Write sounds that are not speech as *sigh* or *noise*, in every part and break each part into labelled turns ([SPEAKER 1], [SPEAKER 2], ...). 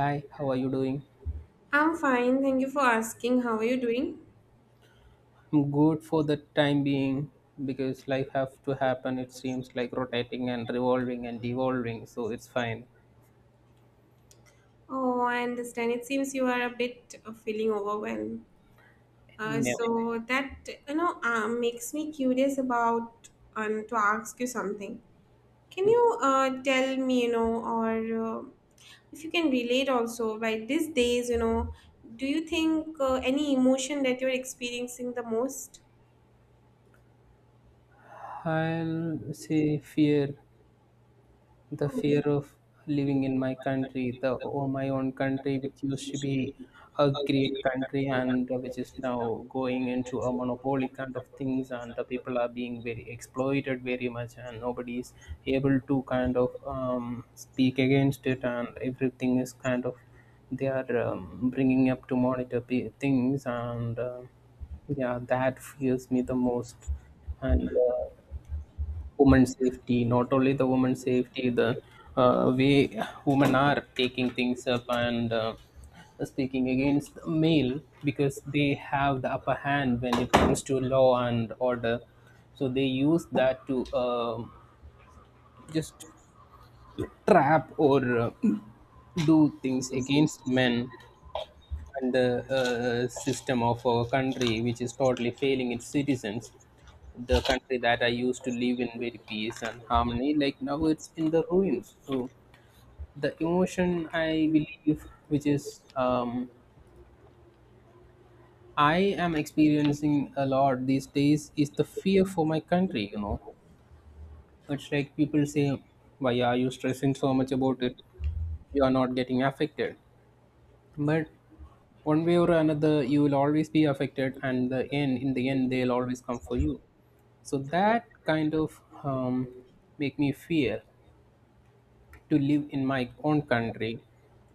[SPEAKER 1] Hi, how are you doing?
[SPEAKER 2] I'm fine, thank you for asking. How are you doing?
[SPEAKER 1] I'm good for the time being because life have to happen. It seems like rotating and revolving and devolving, so it's fine.
[SPEAKER 2] Oh, I understand. It seems you are a bit feeling overwhelmed.
[SPEAKER 1] No,
[SPEAKER 2] So that you know Makes me curious about to ask you something. Can you tell me, you know, or if you can relate also, right? These days, you know, do you think any emotion that you're experiencing the most?
[SPEAKER 1] I'll say fear. The
[SPEAKER 2] Oh.
[SPEAKER 1] fear of living in my country, the or my own country, which used to be a great country and which is now going into a monopoly kind of things, and the people are being very exploited very much, and nobody is able to kind of speak against it, and everything is kind of they are bringing up to monitor things and. Yeah, that fears me the most. And women's safety, not only the women's safety, the way women are taking things up and speaking against the male because they have the upper hand when it comes to law and order, so they use that to just trap or *clears throat* do things against men, and the system of our country which is totally failing its citizens, the country that I used to live in very peace and harmony, like now it's in the ruins. So the emotion I believe, which is I am experiencing a lot these days, is the fear for my country. You know, it's like people say, "Why are you stressing so much about it? You are not getting affected." But one way or another, you will always be affected, and the end, in the end, they'll always come for you. So that kind of um, make me fear to live in my own country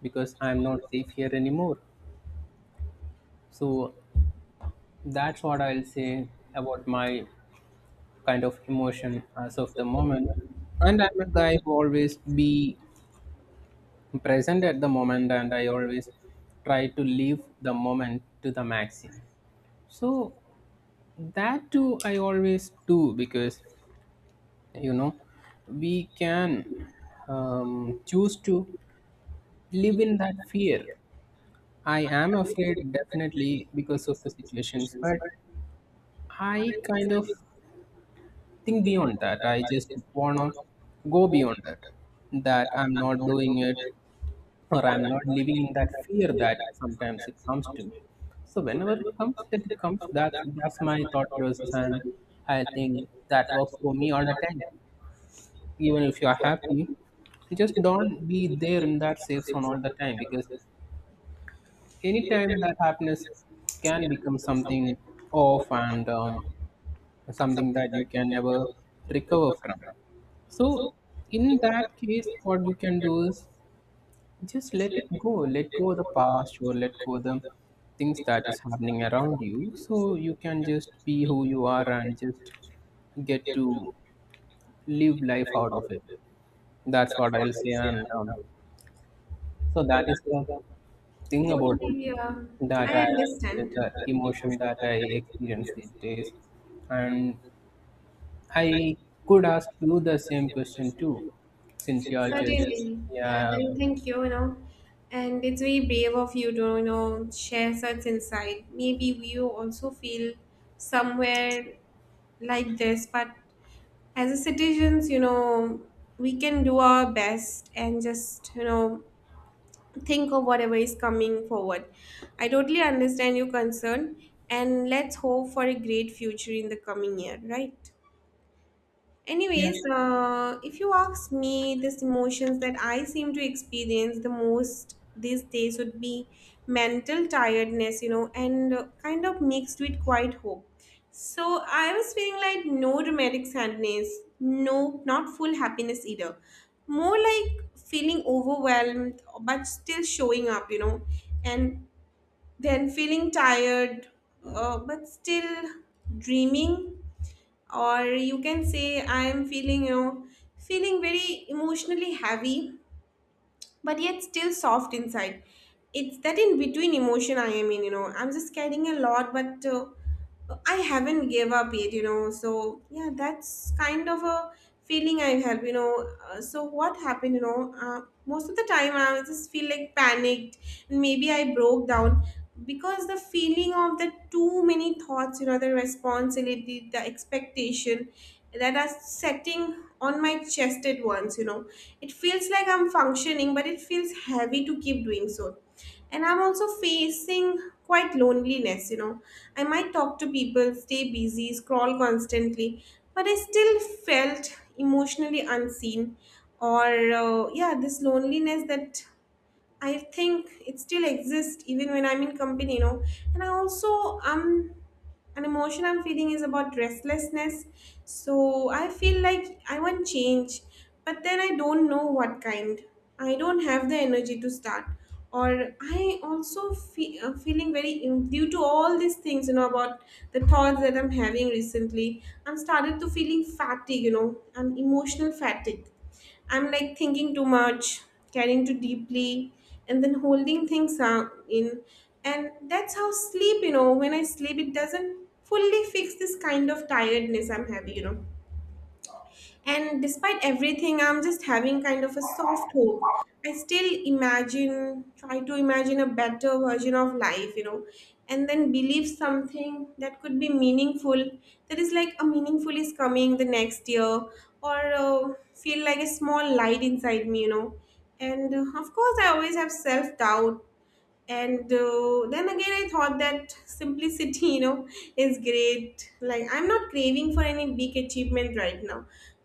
[SPEAKER 1] because I'm not safe here anymore. So that's what I'll say about my kind of emotion as of the moment. And I'm a guy who always be present at the moment and I always try to live the moment to the maximum. So that too I always do because you know we can choose to live in that fear. I am afraid definitely because of the situations, but I kind of think beyond that. I just wanna go beyond that. That I'm not doing it or I'm not living in that fear that sometimes it comes to me. So whenever it comes, it comes. That's my thought process, and I think that works for me all the time. Even if you are happy, just don't be there in that safe zone all the time because anytime that happiness can become something off and something that you can never recover from. So in that case, what you can do is just let it go, let go of the past or let go of the things that is happening around you, so you can just be who you are and just get to live life out of it. That's what I'll say, and so that is the thing about
[SPEAKER 2] Totally,
[SPEAKER 1] me,
[SPEAKER 2] yeah.
[SPEAKER 1] that
[SPEAKER 2] I
[SPEAKER 1] I,
[SPEAKER 2] understand.
[SPEAKER 1] the emotion that I experience these days, and I could ask you the same question too, since you're just,
[SPEAKER 2] Certainly, yeah.
[SPEAKER 1] yeah.
[SPEAKER 2] And thank you, you know. And it's very brave of you to, you know, share such insight. Maybe we also feel somewhere like this, but as a citizens, you know, we can do our best and just, you know, to think of whatever is coming forward. I totally understand your concern and let's hope for a great future in the coming year, right?
[SPEAKER 1] Yeah.
[SPEAKER 2] Anyways, if you ask me, these emotions that I seem to experience the most these days would be mental tiredness, you know, and kind of mixed with quiet hope. So I was feeling like no dramatic sadness, no, not full happiness either. More like feeling overwhelmed, but still showing up, you know, and then feeling tired, but still dreaming, or you can say I am feeling, you know, feeling very emotionally heavy but yet still soft inside. It's that in between emotion I am in, you know. I'm just carrying a lot, but I haven't gave up yet, you know. So yeah, that's kind of a feeling I have, you know. So what happened, you know? Most of the time I just feel like panicked, and maybe I broke down because the feeling of the too many thoughts, you know, the responsibility, the expectation that are setting on my chest at once, you know, it feels like I'm functioning but it feels heavy to keep doing so. And I'm also facing quite loneliness, you know. I might talk to people, stay busy, scroll constantly, but I still felt emotionally unseen. Or Yeah, this loneliness that I think it still exists even when I'm in company, you know. And I also an emotion I'm feeling is about restlessness. So I feel like I want change, but then I don't know what kind. I don't have the energy to start. Or I also feel due to all these things, you know, about the thoughts that I'm having recently. I'm started to feeling fatigue, you know, and emotional fatigue. I'm like thinking too much, caring too deeply, and then holding things out in. And that's how sleep, you know, when I sleep, it doesn't fully fix this kind of tiredness I'm having, you know. And despite everything, I'm just having kind of a soft hope. I still imagine, try to imagine a better version of life, you know, and then believe something that could be meaningful. That is like a meaningful is coming the next year, or feel like a small light inside me, you know. And of course, I always have self doubt, and then again I thought that simplicity *laughs* you know is great. Like, I'm not craving for any big achievement right now,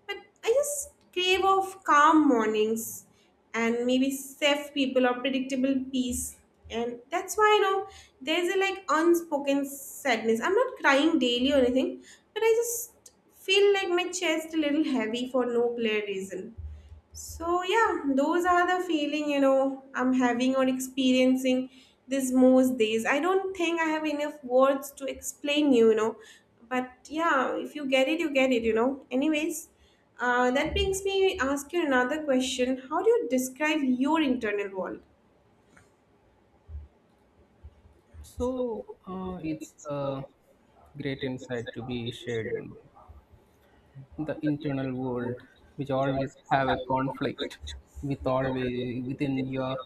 [SPEAKER 2] but I just crave of calm mornings and maybe safe people or predictable peace. And that's why, you know, there's a like unspoken sadness. I'm not crying daily or anything, but I just feel like my chest a little heavy for no clear reason. So yeah, those are the feeling, you know, I'm having or experiencing these most days. I don't think I have enough words to explain you, you know. But yeah, if you get it, you get it, you know. Anyways, that brings me ask you another question. How do you describe your internal world?
[SPEAKER 1] So it's a great insight to be shared, you know. The internal world, which always have a conflict with, always within your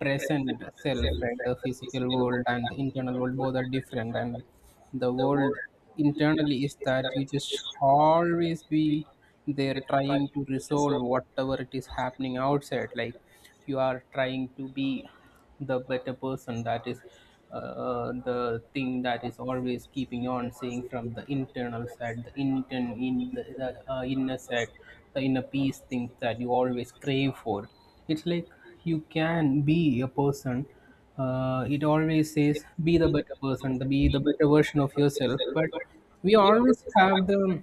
[SPEAKER 1] present self, right? The physical world and the internal world both are different, and the world internally is that you just always be there trying to resolve whatever it is happening outside, like you are trying to be the better person. That is the thing that is always keeping on saying from the internal side, the inner side, the inner peace thing that you always crave for. It's like you can be a person, it always says be the better person, the, be the better version of yourself, but we always have the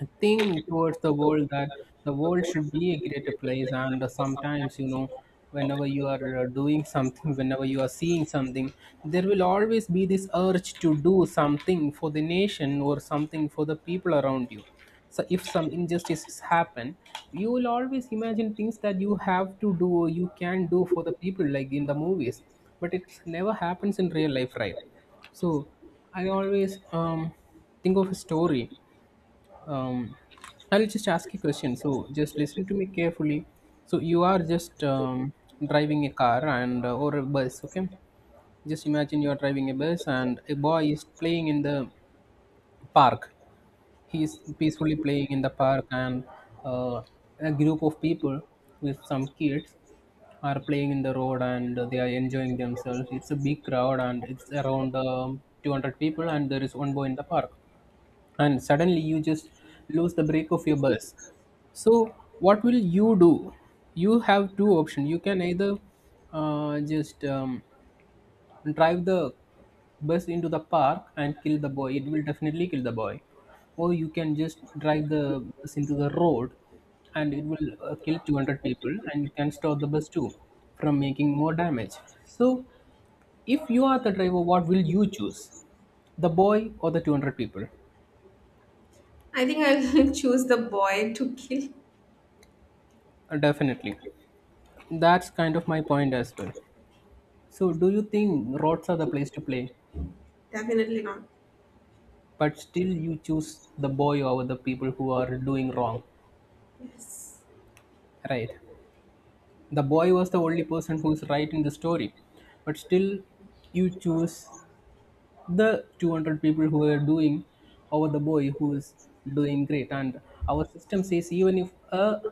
[SPEAKER 1] I think towards the world, that the world should be a greater place, and sometimes, you know, whenever you are doing something, whenever you are seeing something, there will always be this urge to do something for the nation or something for the people around you. So if some injustices happen, you will always imagine things that you have to do or you can do for the people, like in the movies, but it never happens in real life, right? So I always think of a story. um, I'll just ask a question. So just listen to me carefully. So you are just driving a car and or a bus, okay? Just imagine you are driving a bus and a boy is playing in the park. He is peacefully playing in the park, and uh, a group of people with some kids are playing in the road and they are enjoying themselves. It's a big crowd and it's around 200 people, and there is one boy in the park, and suddenly you just lose the brake of your bus. So what will you do? You have two options. You can either just drive the bus into the park and kill the boy, it will definitely kill the boy, or you can just drive the bus into the road and it will kill 200 people and you can stop the bus too from making more damage. So if you are the driver, what will you choose, the boy or the 200 people?
[SPEAKER 2] I think I'll *laughs* choose the boy to kill.
[SPEAKER 1] Definitely. That's kind of my point as well. So, do you think roads are the place to play,
[SPEAKER 2] Definitely not.
[SPEAKER 1] but still you choose the boy over the people who are doing wrong?
[SPEAKER 2] Yes.
[SPEAKER 1] Right. The boy was the only person who's right in the story, but still you choose the 200 people who are doing over the boy who is doing great. And our system says, even if a,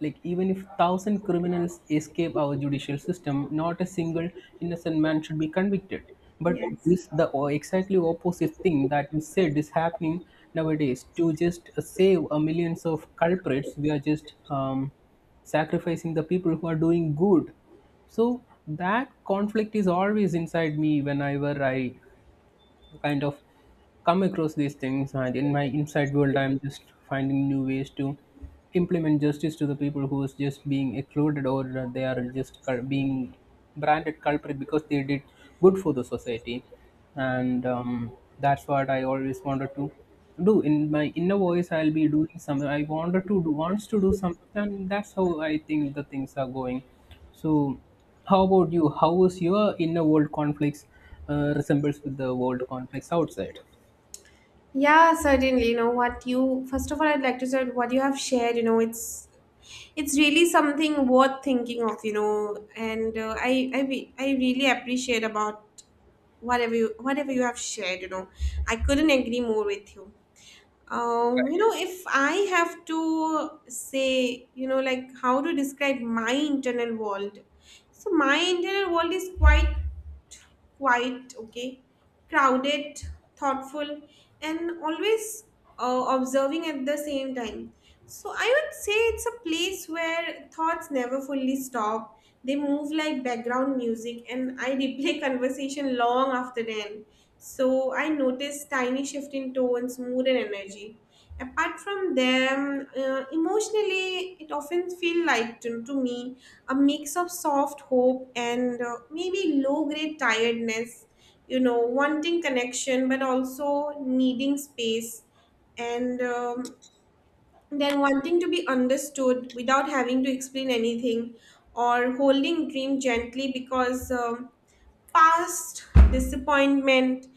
[SPEAKER 1] like even if thousand criminals escape our judicial system, not a single innocent man should be convicted, but
[SPEAKER 2] Yes.
[SPEAKER 1] this, exactly opposite thing that you said is happening nowadays. To just save a millions of culprits, we are just sacrificing the people who are doing good. So that conflict is always inside me, whenever I kind of come across these things, and in my inside world I'm just finding new ways to implement justice to the people who is just being excluded, or that they are just being branded culprit because they did good for the society. And that's what I always wanted to do. In my inner voice I'll be doing some, I wanted to do, wants to do something, and that's how I think the things are going. So, how about you? How is your inner world conflicts resembles with the world conflicts outside?
[SPEAKER 2] Yeah, certainly. You know what, you, first of all, I'd like to say what you have shared, you know, it's really something worth thinking of, you know, and I really appreciate about whatever you have shared, you know. I couldn't agree more with you. Um, you know, if I have to say, you know, like how to describe my internal world, so my internal world is quite quiet, okay, crowded, thoughtful, and always observing at the same time. So I would say it's a place where thoughts never fully stop. They move like background music, and I replay *laughs* conversation long after the end. So I notice tiny shift in tones, mood, and energy. Apart from them, emotionally, it often feels like to me a mix of soft hope and maybe low grade tiredness. You know, wanting connection but also needing space, and then wanting to be understood without having to explain anything, or holding dream gently because past disappointment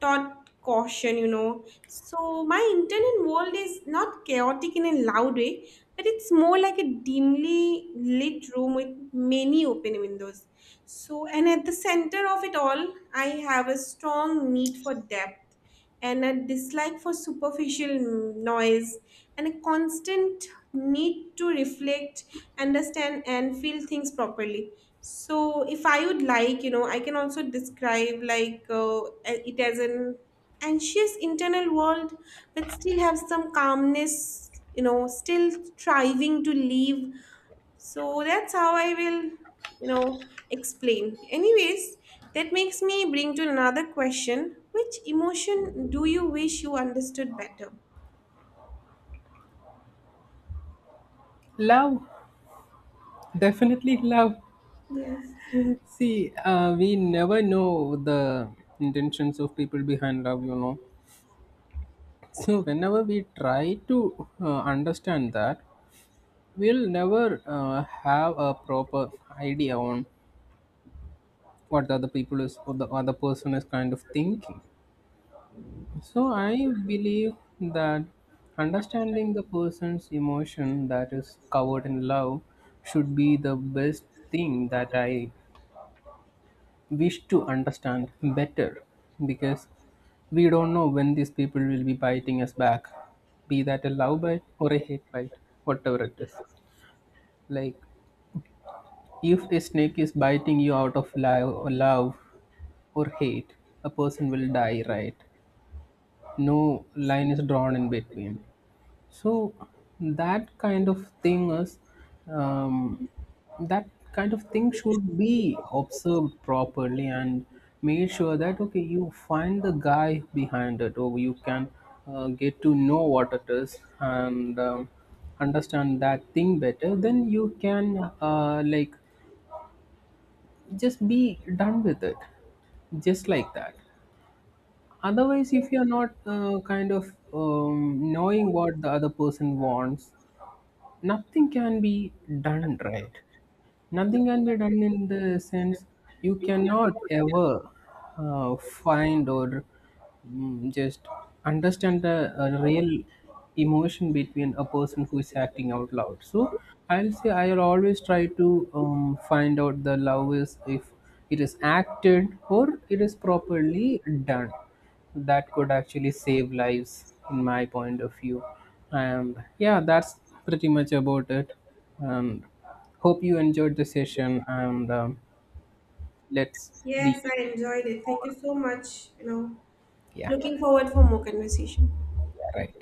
[SPEAKER 2] taught caution, you know. So my internal world is not chaotic in a loud way, but it's more like a dimly lit room with many open windows. So, and at the center of it all, I have a strong need for depth and a dislike for superficial noise and a constant need to reflect, understand, and feel things properly. So if I would like, you know, I can also describe like, it as an anxious internal world, but still have some calmness, you know, still striving to live. So that's how I will, you know, explain. Anyways, that makes me bring to another question. Which emotion do you wish you understood better?
[SPEAKER 1] Love, definitely love.
[SPEAKER 2] Yes.
[SPEAKER 1] See, we never know the intentions of people behind love, you know. So, whenever we try to understand that, we'll never have a proper idea on what the other people is or the other person is kind of thinking. So I believe that understanding the person's emotion that is covered in love should be the best thing that I wish to understand better, because we don't know when these people will be biting us back, be that a love bite or a hate bite, whatever it is. Like if a snake is biting you out of love, or love or hate, a person will die, right? No line is drawn in between. So that kind of thing is um, that kind of thing should be observed properly and made sure that okay, you find the guy behind it, or you can get to know what it is, and understand that thing better, then you can like just be done with it, just like that. Otherwise, if you're not kind of knowing what the other person wants, nothing can be done, right? Nothing can be done in the sense, you cannot ever find or just understand the real emotion between a person who is acting out loud. So I'll say I'll always try to find out the love is, if it is acted or it is properly done. That could actually save lives, in my point of view. And yeah, that's pretty much about it. And hope you enjoyed the session, and let's be,
[SPEAKER 2] Yes, I enjoyed it. Thank you so much. You know,
[SPEAKER 1] yeah.
[SPEAKER 2] looking forward for more conversation.
[SPEAKER 1] Yeah, right.